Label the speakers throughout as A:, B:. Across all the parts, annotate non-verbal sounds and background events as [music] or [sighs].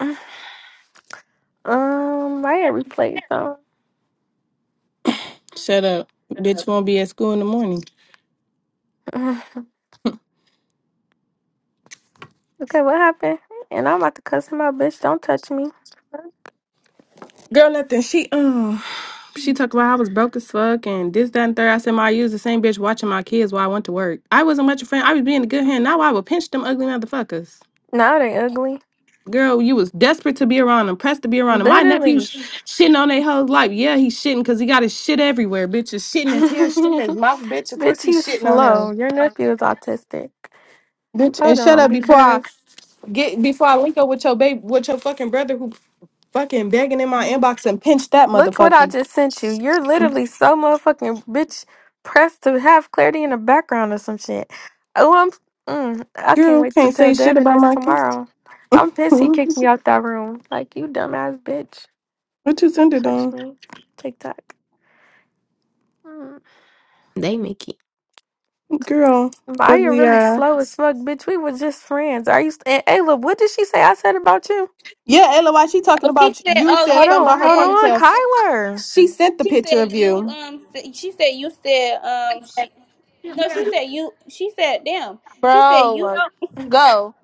A: Um, why are replay though?
B: Shut up. Bitch won't be at school in the morning.
A: Mm. [sighs] Okay, what happened? And I'm about to cuss him out, bitch. Don't touch me.
B: Girl, nothing. She um, She talked about I was broke as fuck and this, that, and third. I said, my you was the same bitch watching my kids while I went to work. I wasn't much a friend. I was being a good hand. Now I would pinch them ugly motherfuckers.
A: Now they ugly.
B: Girl, you was desperate to be around them, pressed to be around them. My nephew
A: Literally.
B: sh- shitting on their whole life. Yeah, he's shitting because he got his shit everywhere. Bitch is
A: [laughs]
B: shitting his hair, shitting his mouth, bitch. Of course
A: bitch,
B: he's
A: he's
B: shitting on
A: slow.
B: them.
A: Your nephew is autistic.
B: Bitch, and
A: Hold
B: shut
A: on,
B: up before I
A: because
B: get before I link up with your baby with your fucking brother who fucking begging in my inbox and pinch that
A: look what I
B: motherfucker.
A: just sent you. You're literally so motherfucking bitch pressed to have clarity in the background or some shit. Oh, I'm. Mm, I can't
B: Girl,
A: wait to
B: can't say
A: tell
B: shit
A: Devin
B: about
A: this
B: my kiss.
A: tomorrow. I'm pissed he
B: Hmm?
A: kicked me out that room. Like, you dumbass bitch.
B: [laughs] what you send
A: Don't
B: it
A: touch
B: on?
A: me. TikTok. Mm.
C: They make it.
B: Girl,
A: But you're
B: ugly
A: really
B: eye.
A: slow as fuck, bitch. We were just friends. Are you? St- And Ayla, what did she say I said about you?
B: Yeah, LOY, she talking
D: Oh, she
B: about
D: said,
B: you You
D: "Oh
B: said
D: yeah,"
A: Hold
B: something
D: she
A: on,
B: about her
A: hold
D: said.
A: on,
D: You
B: ponytail.
D: said.
A: Kyler.
B: She sent the
D: She said
B: picture of
D: you
B: you.
D: um. s- She said you said um. She. No, she said you. She said damn. She said you.
E: Bro, go.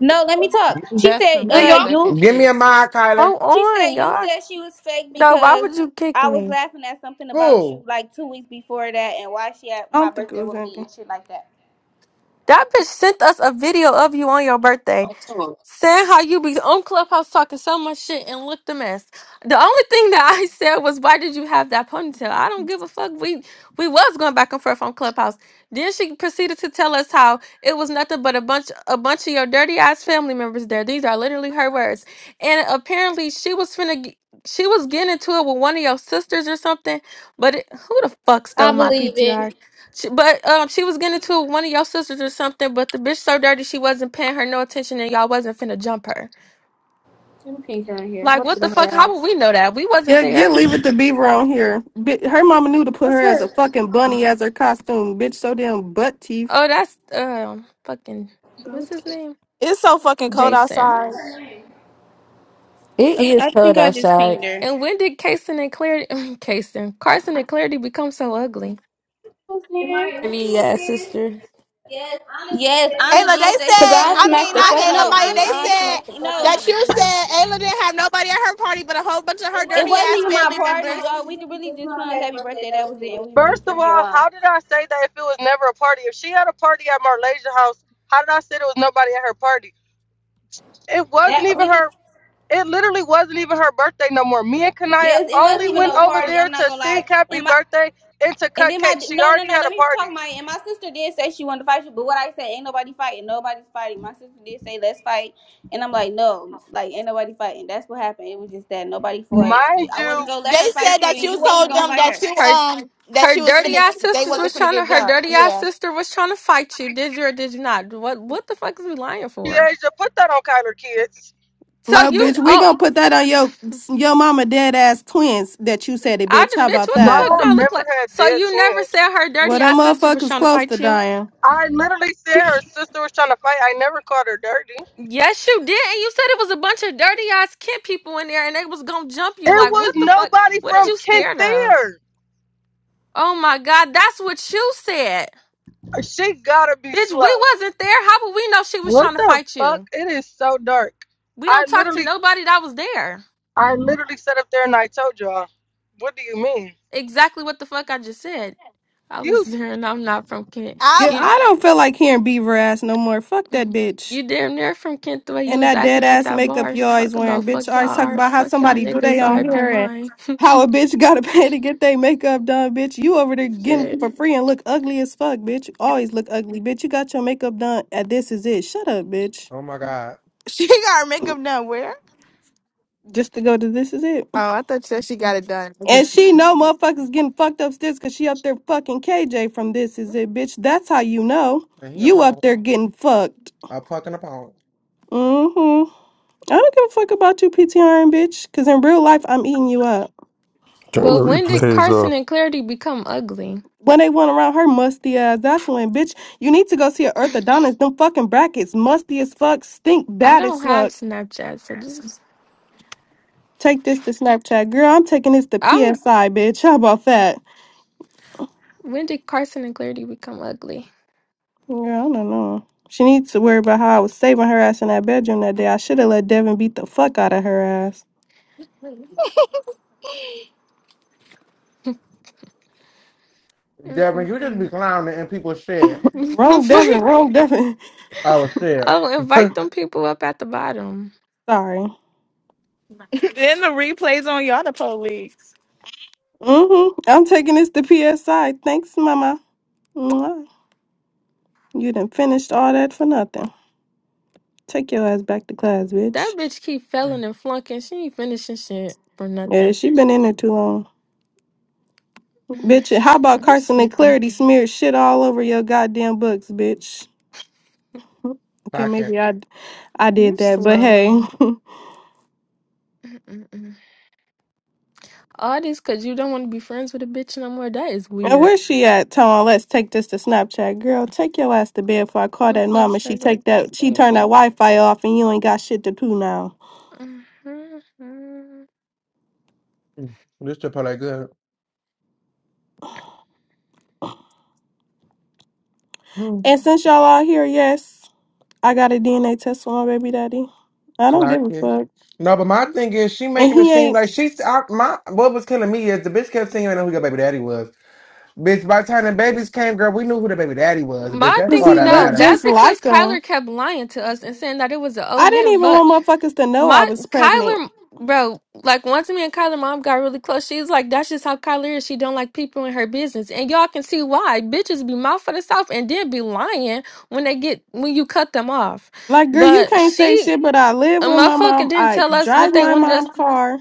D: No, let me talk. She
F: That's
D: said
F: some
G: Do
D: uh
F: dick
G: you
F: sucking
D: you.
H: Give me
F: shit.
H: a mind, Kyler.
A: Hold
D: She said
A: on,
D: you
A: y'all.
D: said she was fake
A: No, why
D: because
A: would you kick
D: I was
A: me?
D: laughing at something about you
H: Who?
D: like two weeks before that and why she had
B: I
D: my
B: don't think it
D: birthday
B: was
D: with me
B: anything.
D: and shit like that.
A: That bitch sent us a video of you on your birthday. Saying how you be on Clubhouse talking so much shit and looked a mess. The only thing that [laughs] I said was, "Why did you have that ponytail?" I don't give a fuck. We we was going back and forth on Clubhouse. Then she proceeded to tell us how it was nothing but a bunch a bunch of your dirty ass family members there. These are literally her words. And apparently she was finna g- she was getting into it with one of your sisters or something. But it, who the fuck
I: I
A: stole my
I: believe it.
A: PTR? She, but um, she was getting to one of your sisters or something. But the bitch so dirty, she wasn't paying her no attention, and y'all wasn't finna jump her.
I: Let me pink out here.
A: Like,
I: What
A: what
I: is
A: the
I: on
A: fuck?
I: her
A: How would
I: ass?
A: we know that? We wasn't
B: Yeah, get
A: there.
B: leave it to Beaver on here. Bi- Her mama knew to put her
I: What's
B: as a
I: her?
B: fucking
I: Hold on.
B: bunny as her costume, bitch. So damn butt teeth.
A: Oh, that's um, fucking
I: Bro,
A: what's
I: what the
A: his name?
E: It's so fucking cold
A: Jason.
E: outside.
J: It is
D: I, I
J: cold
D: think I just
J: outside.
D: pinged her.
A: And when did Kason and Clarity, [laughs] Kason, Carson and Clarity become so ugly?
I: fuck's
D: Am
I: name?
D: I
J: Maybe,
D: what you was
J: yeah,
D: saying?
J: sister.
I: Yes, I'm gonna be
D: Yes,
I: there? too,
D: Anna
E: Ayla, they
D: did
I: bro.
D: say she
I: Cause
D: was
E: said,
I: I
D: gonna.
E: I
I: smacked
E: mean,
I: the
E: not
I: fuck
D: Anna,
I: out
E: Ayla,
D: no,
I: of
E: Maya,
I: you.
D: Anna
E: they
I: I
D: did.
I: smacked the
E: said
I: fuck
D: No,
I: out
D: no,
I: of
E: that you
I: you.
E: said Ayla didn't have nobody at her party but a whole bunch of
I: It It
E: her
I: It
D: It
E: dirty
I: wasn't was wasn't
D: wasn't
E: ass
D: even
I: my
D: my
E: family
I: party.
D: party,
E: members.
D: y'all. We
I: party. really
D: really
I: just
D: just
I: hung
D: sung
I: that
D: happy
I: birthday
D: birthday.
I: That
D: That was
I: was
D: it, and
I: it.
D: we was just
K: First of
D: drinking
K: all,
D: wine.
K: how did I say that if it was never a party? If she had a party at Marlasia house, how did I say there was nobody at her party? It wasn't
D: That
I: That we
K: even
D: we
K: her.
D: just
K: It literally wasn't even her birthday no more. Me and
I: yes,
K: Kanaya
D: yes, it
I: it
D: wasn't
K: only
I: wasn't
D: even
I: even
K: went
D: no
I: no
K: over
I: party.
D: party.
K: there
D: I'm not
K: to
D: gonna lie.
K: sing happy
D: And my
K: birthday and to
D: and
K: cut
D: then my
K: cake. She
D: no no
K: already
D: no.
K: had
D: Let
K: a
D: me talk
K: party.
D: my and my sister did say she wanted to fight you, but what I said ain't nobody fighting. Nobody's fighting. My sister did say let's fight, and I'm like no, like ain't nobody fighting. That's what happened. It was just that nobody fought.
K: Mind
D: I wasn't
K: you,
D: gonna let
E: They
D: her
E: said
D: fight you,
E: that
D: and you
E: you
D: wasn't
E: told
D: gonna
E: them
D: fight
E: that
D: her.
E: you,
A: Her,
E: um, that
A: her
E: she was
A: dirty
E: finna,
A: ass
E: they
A: sisters
E: wasn't
A: was
E: finna
A: trying to.
E: get
A: Her
E: done.
A: dirty ass
E: Yeah.
A: sister was trying to fight you. Did you or did you not? What, what the fuck is we lying for?
K: Kiesha, put that on Kyler kids.
A: So
E: Uh,
B: No,
A: you,
B: bitch, we
A: oh,
B: gonna put that on your your mama dead ass twins that you said it,
A: I
B: bitch.
A: d-
B: How
A: bitch,
B: about
A: what the
K: My
B: that?
A: fuck do I
K: mom
A: look
K: never
A: like?
K: had
A: So
K: dead
A: you never
K: twins.
A: said her
B: Well,
A: dirty
B: them
A: ass sister was
B: motherfuckers
A: trying to
B: close to
A: fight you?
B: dying.
K: I literally said her sister was trying to fight. I never called her dirty.
A: Yes, you did. And you said it was a bunch of dirty ass Kent people in there and they was gonna jump you.
K: It
A: Like,
K: was
A: what the fuck?
K: nobody
A: What did
K: from
A: you
K: Kent
A: scared of?
K: there.
A: Oh my god, that's what you said.
K: She gotta be
A: Bitch,
K: slow.
A: we wasn't there. How would we know she was trying
K: What
A: to
K: the
A: fight
K: fuck?
A: you?
K: It is so dark.
A: We
K: I
A: don't talk to
K: literally,
A: nobody that was there.
K: I literally sat up there and I told y'all. What do you mean?
A: Exactly what the fuck I just said. I
K: You
A: was there and I'm not from Kent.
E: I,
B: Good.
A: You.
B: I don't feel like hearing beaver ass no more. Fuck that
A: Mhm.
B: bitch.
A: You damn near from Kent the way you
B: And
A: was
B: that dead
A: acting at
B: ass
A: that
B: makeup
A: bar.
B: you always
A: Talk
B: wearing.
A: about
B: Bitch
A: fuck
B: always
A: y'all
B: talk
A: art,
B: about how
A: fuck y'all
B: somebody do they
A: niggas, R.
B: on
A: I. P.
B: here and
A: mine.
B: how a bitch [laughs] gotta pay to get their makeup done, bitch. You over
A: Oh,
B: there getting it
A: Shit.
B: for free and look ugly as fuck, bitch. You always look ugly. Bitch, you got your makeup done at this is it. Shut up, bitch.
H: Oh my God.
E: [laughs] she got her makeup done where?
B: Just to go to this is it.
E: Oh, I thought you said she got it done.
B: And she know motherfuckers getting fucked upstairs cause she up there fucking KJ from this is it, bitch. That's how you know.
H: And he a
B: You up
H: pawn.
B: there getting fucked.
H: A fucking opponent.
B: Mm hmm. I don't give a fuck about you, PTRing bitch. Cause in real life, I'm eating you up.
L: Turn
A: But
L: the
A: when did
L: replays
A: Carson
L: off.
A: and Clarity become ugly?
B: When they went around her musty ass, that's when, bitch. You need to go see an orthodontist. Them fucking brackets, musty as fuck, stink
A: I
B: bad as
A: don't have
B: fuck.
A: Snapchat, so just
B: Take this to Snapchat, girl. I'm taking this to
A: I'm.
B: PSI, bitch. How about that?
A: When did Carson and Clarity become ugly?
B: Girl, I don't know. She needs to worry about how I was saving her ass in that bedroom that day. I should have let Devin beat the fuck out of her ass.
A: [laughs]
H: Devin, you just
A: Mm-mm-mm.
H: be
A: [laughs]
H: clowning and people shit.
B: Wrong
A: It's
B: Devin,
A: like,
B: wrong Devin.
H: I was shit.
A: oh,
H: [laughs]
A: invite them people up at the bottom.
B: [laughs] Sorry.
E: [laughs] then the replays on y'all the police.
B: Mm-hmm. I'm taking this to PSI. Thanks, mama. Mwah. You done finished all that for nothing. Take your ass back to class,
A: That
B: bitch.
A: bitch keep failing and flunking. She ain't finishing shit for
B: Yeah,
A: nothing.
B: she been in there too long.
A: [sighs] I'm
B: Bitch, how about Carson and
A: sleepy.
B: Clarity smeared shit all over your goddamn books, bitch? Okay,
H: Clock it.
B: maybe I, I
A: You
B: did that, but
A: slow.
B: hey. [laughs]
A: [clears throat] All this because you don't want to be friends with a bitch no more. That is
B: And
A: weird.
B: where's she at, Tone? Let's take this to Snapchat. Girl, take your ass to bed before I call
A: I'm
B: that
A: pretty
B: mama. She
A: sure
B: take
A: like that.
B: that she
A: Thank
B: turned that
A: you.
B: Wi-Fi off and you ain't got shit to do now.
A: Mhm.
H: Mm. This should play good. Mm.
B: And since y'all out here, yes, I got a DNA test for my baby daddy. I don't
H: Clock
B: give a
H: it.
B: fuck.
H: No, but my thing is, she
B: And
H: making it
B: he ain't
H: seem like she's I, my. What was killing me is the bitch kept singing. I know who your baby daddy was. Bitch, by the time the babies came, girl, we knew who the baby daddy was. Bitch,
A: My
H: that's
B: Cause
H: all
B: he
A: thing,
H: that
A: no,
B: looked
H: mattered.
A: that's
B: just
A: because
B: like her.
A: Kyler kept lying to us and saying that it was an old
B: I didn't
A: man.
B: even
A: But
B: want motherfuckers to know I
A: my
B: was pregnant.
A: Kyler, bro, like once me and Kyler mom got really close, she's like, "That's just how Kyler is. She don't like people in her business." And y'all can see why bitches be mouth for the south and then be lying when they get when you cut them off.
B: Like, girl, you
A: But
B: can't say
A: she,
B: shit, but I live
A: a
B: with my
A: motherfucker,
B: mom.
A: didn't
B: I
A: tell us
B: drive
A: what they
B: my
A: wanted us
B: mom's car.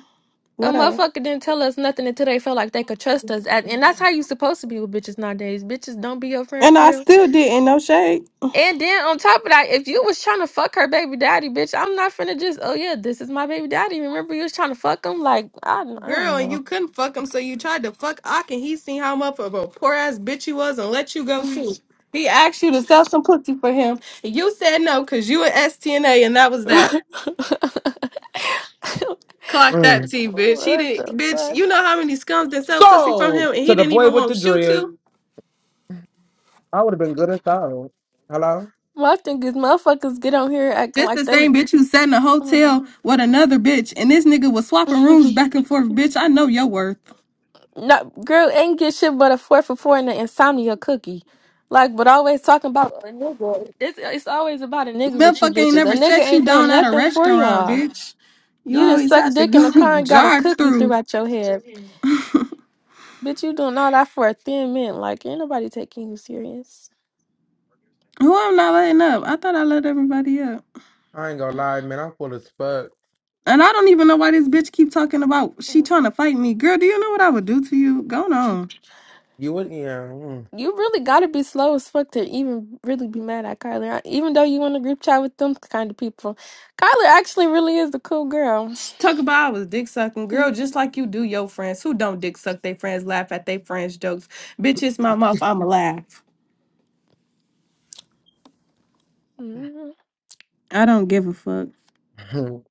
A: A
B: What else?
A: motherfucker didn't tell us nothing until they felt like they could trust us. At- And that's how you supposed to be with bitches nowadays. Bitches don't be your friend
B: And
A: for
B: I
A: real.
B: still didn't. No shade.
A: And then on top of that, if you was trying to fuck her baby daddy, bitch, I'm not finna just, oh yeah, this is my baby daddy. Remember you was trying to fuck him? Like, I, don't- I
B: Girl,
A: don't
B: and
A: know.
B: you couldn't fuck him, so you tried to fuck Ock, and he seen how much of a poor ass bitch you was and let you go
A: [laughs]
B: too. He asked you to sell some pussy for him. and You said no, cause you an STNA, and that was that. Clock that
H: Mm.
B: T, bitch. He
A: what the
B: didn't, bitch.
A: fuck?
B: You know how many scums that sell pussy from him,
H: So,
B: and
H: to
B: he
H: the
B: didn't
H: boy
B: even
H: with
B: want
H: the
B: to shoot you.
H: dread,
B: to.
H: I would have been good and solid. Hello?
A: My thing is motherfuckers get on here acting
B: This the
A: like they
B: same bitch who sat in a hotel with another bitch, and this nigga was swapping
A: [laughs]
B: rooms back and forth. Bitch, I know your worth.
A: No, girl ain't get shit but a four for four and an insomnia cookie. Like, but always talking about a nigga. It's, it's always about a nigga with you
B: Motherfucker ain't
A: bitches. A
B: never
A: nigga
B: set you
A: ain't doing
B: down at a
A: nothing for
B: restaurant,
A: y'all.
B: bitch. You
A: You just
B: always
A: suck
B: have to
A: dick in the
B: go
A: car
B: [laughs]
A: and got a
B: drive
A: cookie
B: through.
A: throughout your head. Bitch, you doing all that for a thin mint. Like, ain't nobody taking you serious.
B: Who I'm not letting up? I thought I let everybody up,
H: I ain't gonna lie, man. I'm full as fuck.
B: and I don't even know why this bitch keep talking about she
A: Mm.
B: trying to fight me. Girl, do you know what I would do to you? Go on.
H: You would, yeah.
A: You really gotta be slow as fuck to even really be mad at Kyler. I- Even though you in a group chat with them kind of people. Kyler actually really is a cool girl.
B: Talk about I was dick sucking, girl, just like you do your friends who don't dick suck their friends, laugh at their friends' jokes. Bitch, it's my mouth. I'ma laugh.
A: Mm-hmm.
B: I don't give a fuck.
H: mm.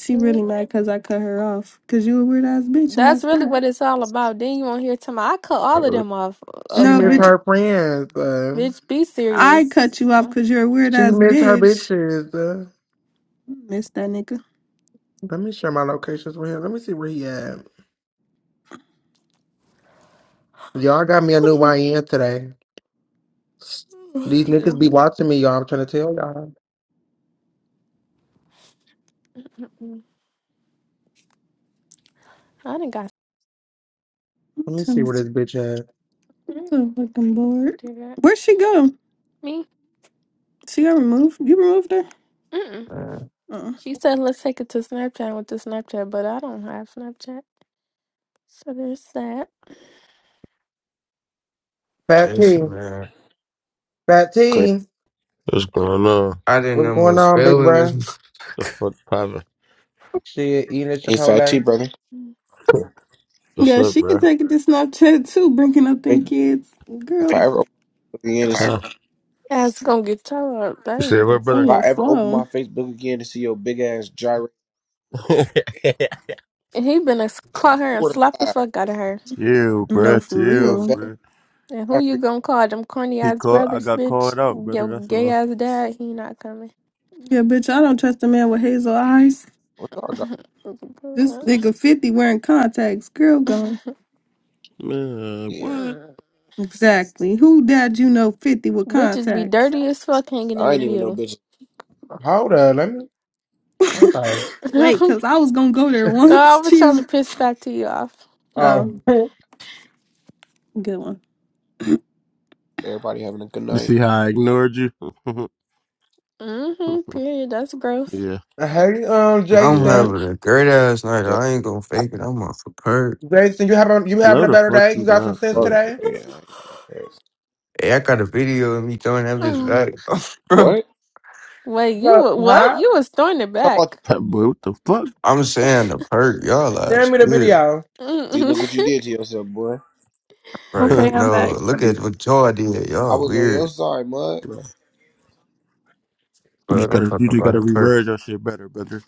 B: She really mad because I cut her off. Because you a weird ass bitch, and
A: That's
B: that's
A: really
B: that.
A: what it's all about. Then you won't hear to my I cut all of
H: [laughs]
A: them off.
H: she
B: No,
H: missed
B: bitch,
A: Okay.
H: her friends.
A: Bitch, be
B: I
A: serious.
B: cut you
A: [laughs]
B: off because you're a weird
H: She
B: ass
H: missed her
B: bitch.
H: bitches. Uh,
B: Miss that nigga.
H: let me share my locations with him. Let me see where he at. Y'all got me a new YN today.
A: I
H: These niggas be watching me, y'all. I'm trying to tell y'all.
A: didn't got
H: Let me see
B: I'm so
H: where this bitch at.
B: I'm
A: [laughs]
B: so fucking
A: Mm,
B: bored.
A: do that.
B: Where'd she go?
A: Me?
B: She got removed. You removed her?
A: Mm-mm.
M: Man,
B: Uh-uh.
A: She said let's take it to Snapchat with the Snapchat, but I don't have Snapchat. So there's that.
H: Fat T.
M: Jason, man.
H: Fat
N: Correct.
H: T.
L: What's going on?
M: I didn't
H: What's
M: know what
H: going on, big
M: spelling this [laughs]
H: bruh?
L: The
M: motherfucker.
L: fuck poppin'?
H: Shit, eating at
N: In fact, too,
H: Chipotle.
N: brother,
L: [laughs] What's
B: Yeah,
L: up,
B: she could
L: bro?
B: take it to Snapchat too, bringing up them
N: Facebook-
B: kids.
N: if
B: Girl,
N: I ever open my Facebook again to see,
L: Huh?
A: That's gonna get tore up. That
L: You
A: ain't
L: said
A: even
L: what,
B: on
N: if
L: brother?
N: I
B: the
A: funny.
N: ever open
B: flow.
N: my Facebook again to see your big ass gyrate,
L: [laughs]
A: And he been a call her and
N: swear to
A: slap the
N: God,
A: fuck out of her.
L: chill,
B: No,
L: bro.
B: for
N: you and
L: Chill,
B: real.
N: Fab,
L: bro.
A: And who you gonna call them corny
L: He
A: ass
L: called. I
A: brothers,
L: got
A: bitch?
L: called out, brother.
A: Your
L: That's
A: gay
L: all.
A: ass dad, he not coming.
B: Yeah, bitch, I don't trust a man with hazel eyes.
N: what y'all got?
B: This
A: [laughs]
B: nigga 50 wearing contacts. Girl gone.
L: Man,
N: Yeah,
L: what?
A: Mm.
B: Exactly. Who dad you know 50 with
A: Bitches be
B: contacts?
A: dirty as fuck hanging in
N: I
A: the
N: ain't even know
A: view.
N: bitches.
H: Hold up. Let me. Okay.
B: [laughs]
A: [laughs] no,
B: Wait, because I was gonna go there
A: I
B: once [laughs]
A: was trying to
B: too.
A: piss back to you off. hmm
H: Oh.
B: Oh,
H: [laughs]
B: good one.
N: Everybody having a good
L: You
N: night.
L: see how I ignored you? [laughs]
A: Period. That's gross.
L: yeah,
H: Hey, um,
M: I'm
L: yeah. that-
H: Jason.
M: having a great ass night.
N: Yeah,
M: I ain't gonna
N: I
M: fake it. I'm off a perk.
H: Jason, you having you having
L: No,
H: a
L: the
H: better
L: fuck
H: day? You
L: you
H: got some
L: not,
H: sense
N: ain't
L: bro.
N: fuck.
H: today?
N: Yeah, I ain't gonna care.
M: Hey, I got a video of me throwing that
A: [sighs]
M: bitch
A: Ugh.
M: back. [laughs]
N: What?
A: Wait, you
H: Uh,
A: wa- what?
H: huh?
A: You was throwing it
N: Talk about the
A: back.
N: perks.
L: That boy, what the fuck?
M: I'm saying the perk, y'all
H: Send
M: lies
H: me the
M: weird,
H: video.
N: See,
A: Mm-mm.
N: look what you
A: [laughs]
N: did to yourself, boy.
M: right?
B: Okay,
L: [laughs]
B: I'm back.
M: No, look at what y'all did,
N: I
M: y'all
N: was on your
M: weird.
N: side, mud.
L: Bro, you just
M: But I'm
L: gotta,
M: talking
L: you just
M: about
L: gotta
M: the perk.
L: reword your shit better, brother.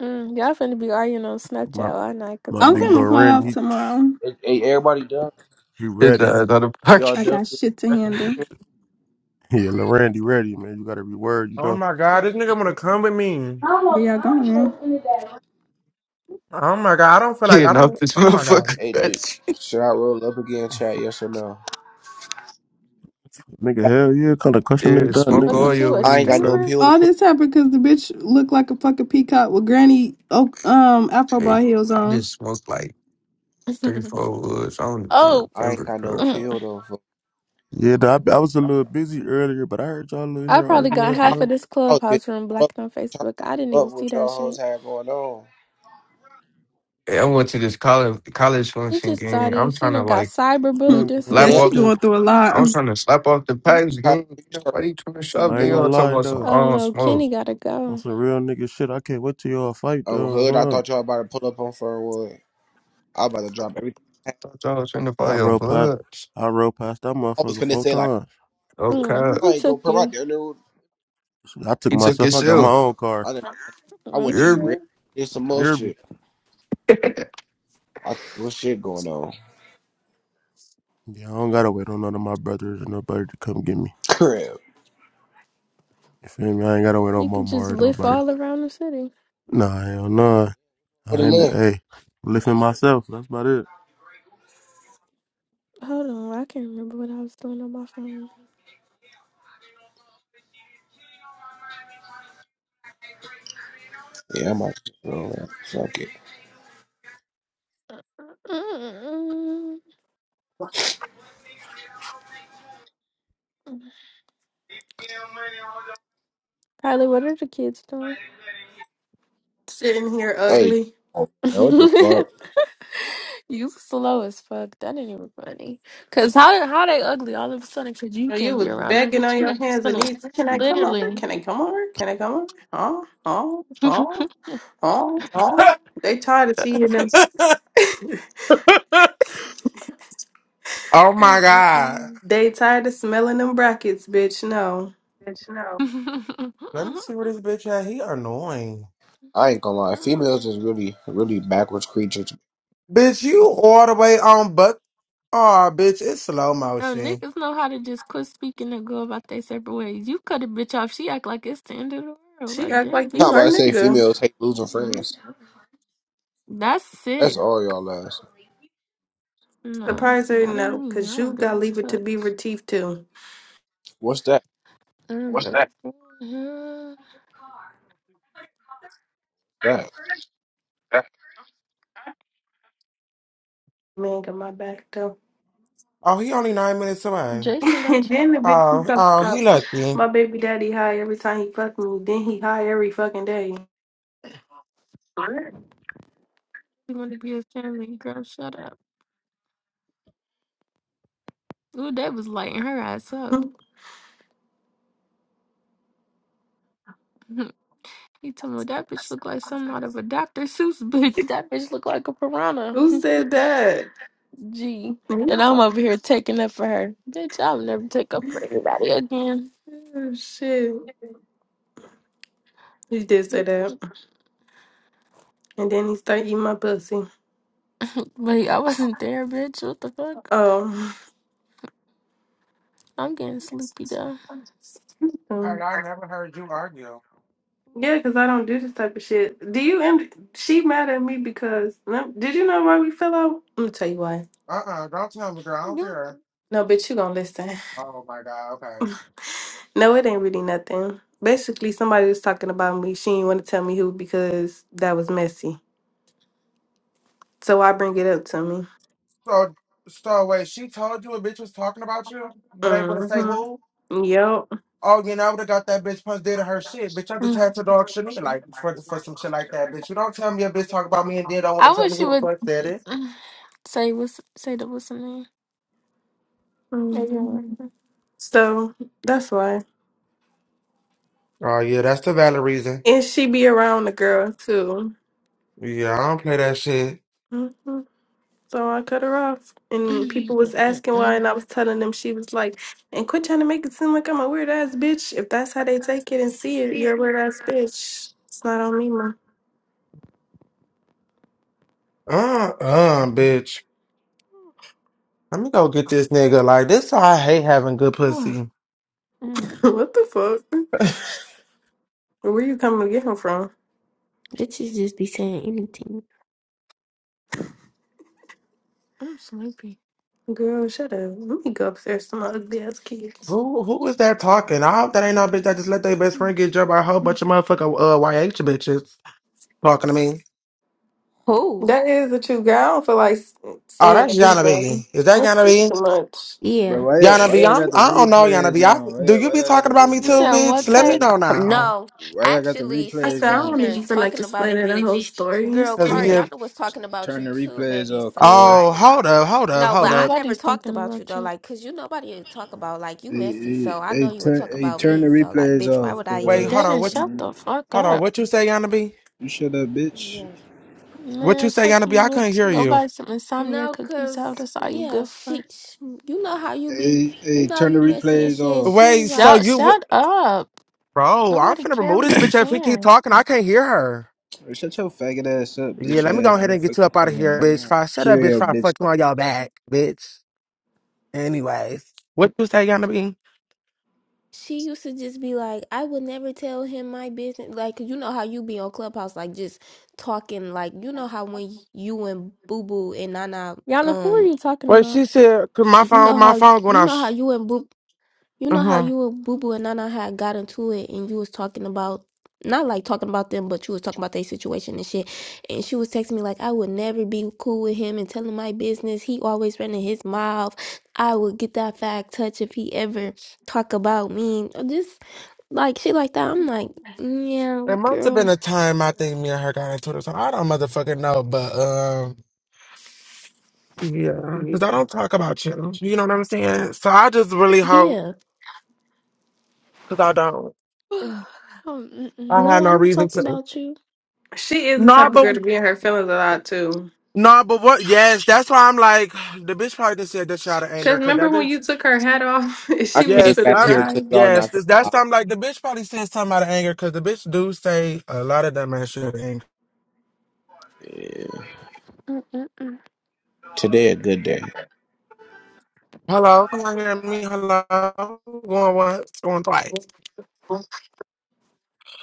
A: Mm, Y'all finna be arguing on
L: My,
A: Snapchat all night because
L: my
A: I
B: I'm
A: don't
L: big bro
B: finna
A: have
B: call
A: that
L: Randy,
B: off
A: app.
L: he,
B: tomorrow.
N: Hey, hey, everybody done?
L: he
M: His
L: ready.
M: ass out of pocket,
N: Y'all
B: I
N: done?
B: got shit to
L: Yeah,
B: handle.
L: yeah, Lil Randy ready, man. You gotta reword, you
H: Oh
L: know.
H: my god, this
A: Mm.
H: nigga wanna come with me.
B: Where y'all going?
H: Oh my god, I don't
M: [laughs]
H: feel like I
M: getting off
H: don't.
M: this
H: Oh my
M: motherfucker.
H: god.
N: Hey,
M: [laughs]
N: dude,
M: That's,
N: should I roll up again, chat? Yes or no?
L: Nigga, hell yeah, kind of question this
M: yeah,
L: dog,
M: smoke
A: Look
L: nigga.
M: all
A: at
M: your
A: you, a
N: I ain't
M: weed,
N: got no
M: bro.
A: streamer.
N: appeal to
B: All this happened because the bitch looked like a fucking peacock with granny oh, um afro ball
M: Hey,
B: heels
M: I
B: on.
M: just
B: [laughs]
M: smoked like three,
A: [laughs]
M: four woods. I don't
A: oh,
M: even
N: I ain't
M: remember,
N: got
A: [clears throat]
N: no
M: bro.
A: mm.
N: pill though. For
L: Yeah, dog, I, I was a little busy earlier, but I heard y'all little
A: I
L: here
A: probably got
L: arguing,
N: I,
A: half of
L: dog.
A: this
N: I was busy
A: clubhouse room
N: as fuck
A: blocked on
N: trying to
A: Facebook. I didn't
N: keep up
A: even see
N: with
A: that
N: y'all hoes
A: shit.
N: had going on.
M: Hey, I went to this college college
A: She
M: function
A: just saw
M: game. I'm
A: these. She
M: trying to
A: done got
M: like
L: I
B: Hmm.
A: cyberbullied
L: ain't
A: and
L: gonna,
A: some
B: yeah,
M: slap
A: more
L: lie,
N: Damn,
L: I
B: she
M: off.
L: can't,
B: going
A: shit.
B: through a lot.
M: I'm trying to slap off the packs
N: Kyrie,
M: game. Ain't
N: you start
M: Nobody trying to shop.
L: I ain't
M: They all
L: gonna
A: Mhm.
M: talking
L: lie,
M: about some
L: dog.
A: Oh
M: on
A: no, Kenny
M: smoke.
A: gotta
L: On
A: go.
L: some real nigga shit, I can't wait till y'all fight,
N: oh
L: dog.
N: hood. I
L: Huh?
N: thought y'all about to pull up on Fernwood. I about to drop everything. I had.
M: Thought y'all was trying to
L: I
M: buy your
L: rode past,
M: blood.
L: I rode past that
N: I was
L: motherfucker
N: finna
L: four
N: say like
L: times.
M: Okay.
A: Mm,
N: I
A: who
N: ain't
A: took
N: gonna put my
A: you?
N: dinner.
L: I took
M: He took
L: myself,
M: his
L: I got my
M: L.
L: own car.
N: I done, I
A: Oh
M: You
N: went to
M: hear
N: eat
M: me?
N: red.
A: shit.
N: There's some
L: You
N: more
L: hear
N: shit.
L: me?
N: I what shit going on?
L: Yeah, I don't gotta wait on none of my brothers or nobody to come get me.
N: [laughs] Crib.
L: You feel me? I ain't gotta wait on
A: You
L: my
A: can
L: mom
A: just
L: or
A: lift
L: nobody.
A: all around the city.
L: Nah, hell nah.
N: What a
L: I ain't,
N: live?
L: hey, lifting myself. That's about it.
A: Hold on, I can't remember what I was doing on my phone.
N: Yeah, I'm about to go man. Fuck it.
A: Mm-mm-mm. Kylie, what are the kids doing?
B: Sitting here
N: Hey,
B: ugly.
N: oh, man, what the
A: [laughs]
N: fuck?
A: you slow as fuck. That ain't even funny. Cause how how they ugly all of a sudden? Cause you
B: Oh, You
A: can't be
B: was
A: around them,
B: begging
A: bitch.
B: on
A: You
B: your
A: just
B: hands and
A: gonna
B: knees. Can I come over?
A: literally.
B: Can I come over? Can I come over? Oh, oh,
A: [laughs]
B: oh, oh, oh. They tired of seeing them. [laughs]
H: [laughs] oh
A: Mm,
H: my
A: mm,
H: god.
A: mm.
B: They tired of smelling them brackets, bitch. No.
A: Bitch, no.
H: Let me see where this bitch at. He annoying.
N: I ain't gonna lie.
A: [laughs]
N: Females is really, really backwards creatures.
H: Bitch, you all the way on but. Oh, bitch, it's slow
A: Bro,
H: motion.
A: niggas know how to just quit speaking and go about their separate ways. You cut a bitch off, she act like it's the end of the world.
B: She
A: Like,
B: act
A: damn,
B: like you
N: How about
B: her
A: bitch.
N: I say
B: nigga.
N: females hate losing
A: Mm.
N: friends?
A: That's
N: That's
A: sick.
N: all y'all last.
A: No,
B: Surprise her,
A: that ain't
B: no,
A: me.
B: cause
A: I
B: you
A: don't give
B: gotta
A: a
B: leave it to
A: fuck.
B: be Retief too.
N: What's that?
A: What's Um, that? uh,
N: That
A: That-
B: Man got my back though.
H: Oh, he only nine minutes away.
B: [laughs]
A: Jason
B: and
A: got you.
B: then the bitch he
H: Oh,
B: fucked
H: oh, he
B: up.
H: lucky.
B: my baby daddy high every time he fucked me. Then he high every fucking day.
A: You want to be his family girl? Shut up. Ooh, that was lighting her ass
B: [laughs]
A: up. [laughs] he told me that bitch look like something out of a Dr. Seuss book. [laughs] That bitch look like a piranha. [laughs]
B: Who said that?
A: G.
B: Me?
A: And I'm over here taking up for her. Bitch, I'll never take up for anybody again.
B: Oh, shit. He did say that. And then he start eating my pussy.
A: Wait, I wasn't there, bitch. What the fuck?
B: Oh.
A: I'm getting sleepy though.
B: [laughs]
H: Heard I never heard you argue.
B: Yeah, because I don't do this type of shit. Do you? And she mad at me because no, did you know why we fell out? I'm gonna tell you why.
H: Uh uh-uh, uh, do not tell me, girl. I don't
A: You-
H: care.
B: No, bitch, you gonna listen.
H: Oh my God. Okay.
B: [laughs] No, it ain't really nothing. Basically, somebody was talking about me. She didn't want to tell me who because that was messy. So I bring it up to me.
H: So, so wait. She told you a bitch was talking about you, but ain't gonna say
B: Mm-hmm.
H: who.
B: Yep.
H: Oh, you know, I would have got that bitch punched dead in her shit. Bitch, I just had
A: Mm.
H: to dog Shania like for for some shit like that. Bitch, you don't tell me a bitch talk about me and then don't want to
A: I
H: tell me
A: wish
H: who
A: you
H: the
A: would
H: fuck that is.
A: mm, say what's say the what's the name? [sighs] Hey, you
B: Mhm.
A: remember.
B: So that's why.
H: Oh yeah, that's the valid reason.
B: And she be around the girl too.
H: Yeah, I don't play that shit.
B: Mm-hmm. So I cut her off, and people was asking why, and I was telling them she was like, "And quit trying to make it seem like I'm a weird ass bitch. If that's how they take it and see it, you're a weird ass bitch. It's not on me, ma."
H: Uh uh, bitch. Let me go get this nigga. Like this, I hate having good
A: Oh,
H: pussy.
A: mm,
B: [laughs] what the fuck?
H: [laughs]
B: Where you coming to get him from,
C: Bitches just be saying anything.
A: I'm sleepy.
B: girl? Shut up. Let me go upstairs to my ugly ass kids.
H: Who who is that talking? I hope that ain't no bitch that just let their best friend get jumped by a whole bunch of motherfucker uh YH bitches. talking to me.
C: Who?
B: That is the truth, girl. I don't feel like s-
H: Oh,
B: saying
H: that's Yana B.
B: everything.
H: Is that
B: That's
H: Yana
B: just
H: B?
B: too much.
O: Bro,
C: Yeah.
O: why y'all-
H: Yana
O: why
H: B,
O: y'all
H: I'm,
O: got the
H: I don't know, Yana
O: replays
H: B. I,
O: on? Why
H: do
O: y'all,
H: you
O: why
H: be
O: y'all got
H: talking
O: the
H: about me
A: You
H: too,
A: said
O: replays
H: bitch?
A: what
O: on? Why
H: Let me
O: y'all
A: tech?
O: got
H: know
O: the,
H: now.
C: No.
O: why y'all got the
C: Actually,
B: I
C: since
O: replays
B: said
C: we
B: I
O: on?
B: don't
C: even
B: even feel like
C: talking about it,
B: explaining the
C: bitch,
B: whole story. It's
C: girl,
H: Cause
O: T-
B: too
C: Carl,
H: yeah.
C: y'all
B: much.
C: know was talking about
O: turn
C: you
O: the
C: too,
O: replays
C: baby.
O: off,
C: So
O: cuz.
H: Oh,
C: like,
H: hold up, hold up,
C: no, but
H: hold
C: I
H: up.
C: never
A: Nobody's
C: talked
A: thinking
C: about you
A: about
C: though,
A: you.
C: like, cause you nobody to talk about. Like, you
O: Hey,
C: messy, so
O: hey,
C: I
O: hey,
C: know you would
O: turn
C: talk
O: hey,
C: about
O: turn the
C: me. So like,
O: replays
C: bitch, why
O: off,
C: would I
H: Wait,
C: even?
H: hold
O: cuz.
H: on.
A: Devin,
H: What you,
A: shut
O: Turn the-
A: the
O: re-
A: fuck
H: hold
A: up.
H: on. What you say, Yana B?
O: You shut up, bitch.
C: Yeah.
H: What you
A: Man,
H: say,
A: fuck
H: Yana B?
A: you.
H: I couldn't hear
A: bitch. Go
H: you.
A: buy some insomnia
C: No,
A: cookies.
C: cause
A: Out. that's all you
C: yeah,
A: good
C: she,
A: for?
C: sh you know how you be,
O: Hey, hey,
C: you know
O: turn the
C: you messy and
O: replays
C: shit.
O: off.
C: She
H: Wait,
C: was
H: so
A: Y'all,
C: like.
H: you would,
A: shut up.
H: bro, I'm
A: Nobody
H: finna
A: care
H: remove this
A: what you
H: bitch if we keep
A: saying.
H: talking. I can't hear her.
O: Shut your faggot ass up,
H: Yeah,
O: bitch
H: let me go
O: ass
H: ahead
O: nigga.
H: and get
O: Fuck
H: you
O: you
H: up out of
O: talking about,
H: here, bitch. If
O: man.
H: I shut up,
O: Kill
H: bitch, if
O: your
H: I
O: bitch
H: fuck you on your back, bitch. Anyways, what you say, Yana B?
C: She used to just be like, I would never tell him my business. Like, you know how you be on Clubhouse, like just talking. Like, you know how when you and Boo Boo and Nana,
A: Yana, who are
C: um,
A: you talking
H: Well,
A: about?
H: she said, "Cause my
C: you
H: phone,
C: know
H: my
C: how
H: phone going
C: you know how
H: off."
C: you and Boo, you
H: Uh
C: know how
H: huh.
C: you and Boo Boo and Nana had got into it, and you was talking about not like talking about them, but you was talking about their situation and shit. And she was texting me like, I would never be cool with him and tell him my business. He always running his mouth. I would get that fag touch if he ever talk about me. Just like shit like that. I'm like, "Mm, yeah,
H: There must have been
C: girl.
H: a time I think me and her got into this. I don't motherfucking know, but um, yeah, because I
A: [sighs]
H: don't talk about you. You know what I'm saying? So I just really hope,
C: Yeah.
H: because I don't.
A: Oh,
H: I
A: Mm-mm.
C: No,
H: had
C: I
H: no
C: don't
H: reason
C: talk
H: to.
C: about you.
B: She is the
H: No,
B: type of
H: but
B: girl to be in her feelings a lot too.
H: no, but what? Yes, that's why I'm like [sighs] the bitch probably just said that shit out of anger,
B: Cause
H: because
B: remember
H: that
B: when
H: bitch.
B: you took her hat off [laughs] and
N: I
B: she was
N: came
H: Yes,
B: finna
N: back
H: I.
N: here because
B: cry?
N: y'all
H: Yes,
N: not that
H: this, that's
N: loud.
H: time like the bitch probably said something out of anger, because the bitch do say a lot of dumb ass shit out of anger.
N: Yeah.
A: Mm-mm-mm.
N: Today a good day.
H: Hello, can I hear me? Hello, going once, going twice.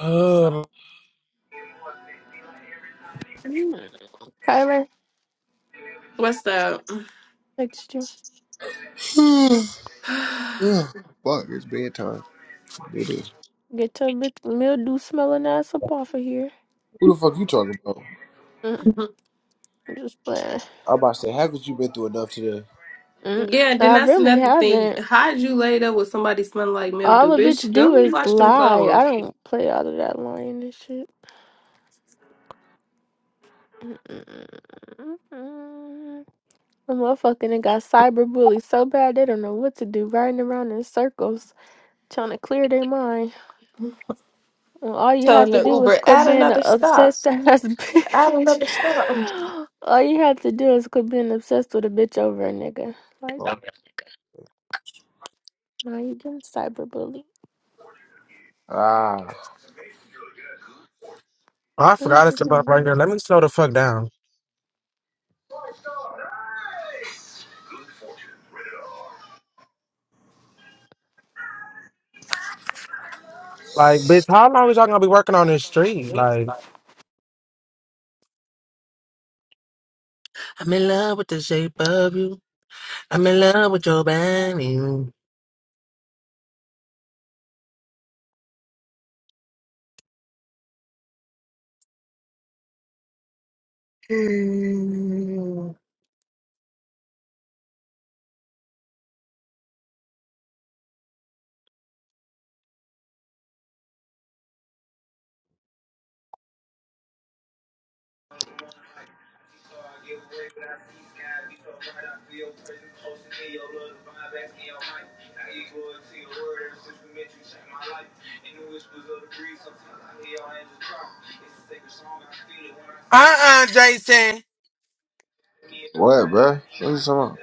H: Uh,
A: Mm. Tyler,
B: What's up?
A: text you.
N: [sighs]
B: [sighs] yeah,
N: Ugh, Fuck, it's bedtime. It is.
A: Get your big mildew smelling ass up off of here.
N: Who the fuck you talking about?
A: Mm, I'm just playing.
N: I'm about to say, haven't you been through enough today?
A: Mm,
B: and then
A: I
B: that's
A: really
B: another thing.
A: haven't.
B: How'd you laid up with somebody smelling like mildew?
A: All a bitch
B: Bitch, go
A: do is
B: rewash them
A: lie. I
B: clothes.
A: don't play all of that lying and shit. Mm-mm-mm-mm. The motherfucker and got cyberbullied so bad they don't know what to do, riding around in circles, trying to clear their mind. When all you
B: Telling
A: had to
B: the
A: do
B: Uber,
A: was quit
B: add
A: being an
B: another stop.
A: obsessed ass [laughs]
B: Add
A: bitch.
B: another stop.
A: All you had to do is quit being obsessed with a bitch over a nigga.
N: Oh,
A: Like, now you getting cyberbullied.
N: ah,
H: I forgot
A: This
H: it's
A: is
H: about right here. Let me slow the fuck down. Like, bitch, how long is y'all gonna be working on this street? Like,
A: a-
H: I'm in love with the shape of you. I'm in love with your body. Mm. Uh-uh, Jason.
N: what, bruh? What you talking about?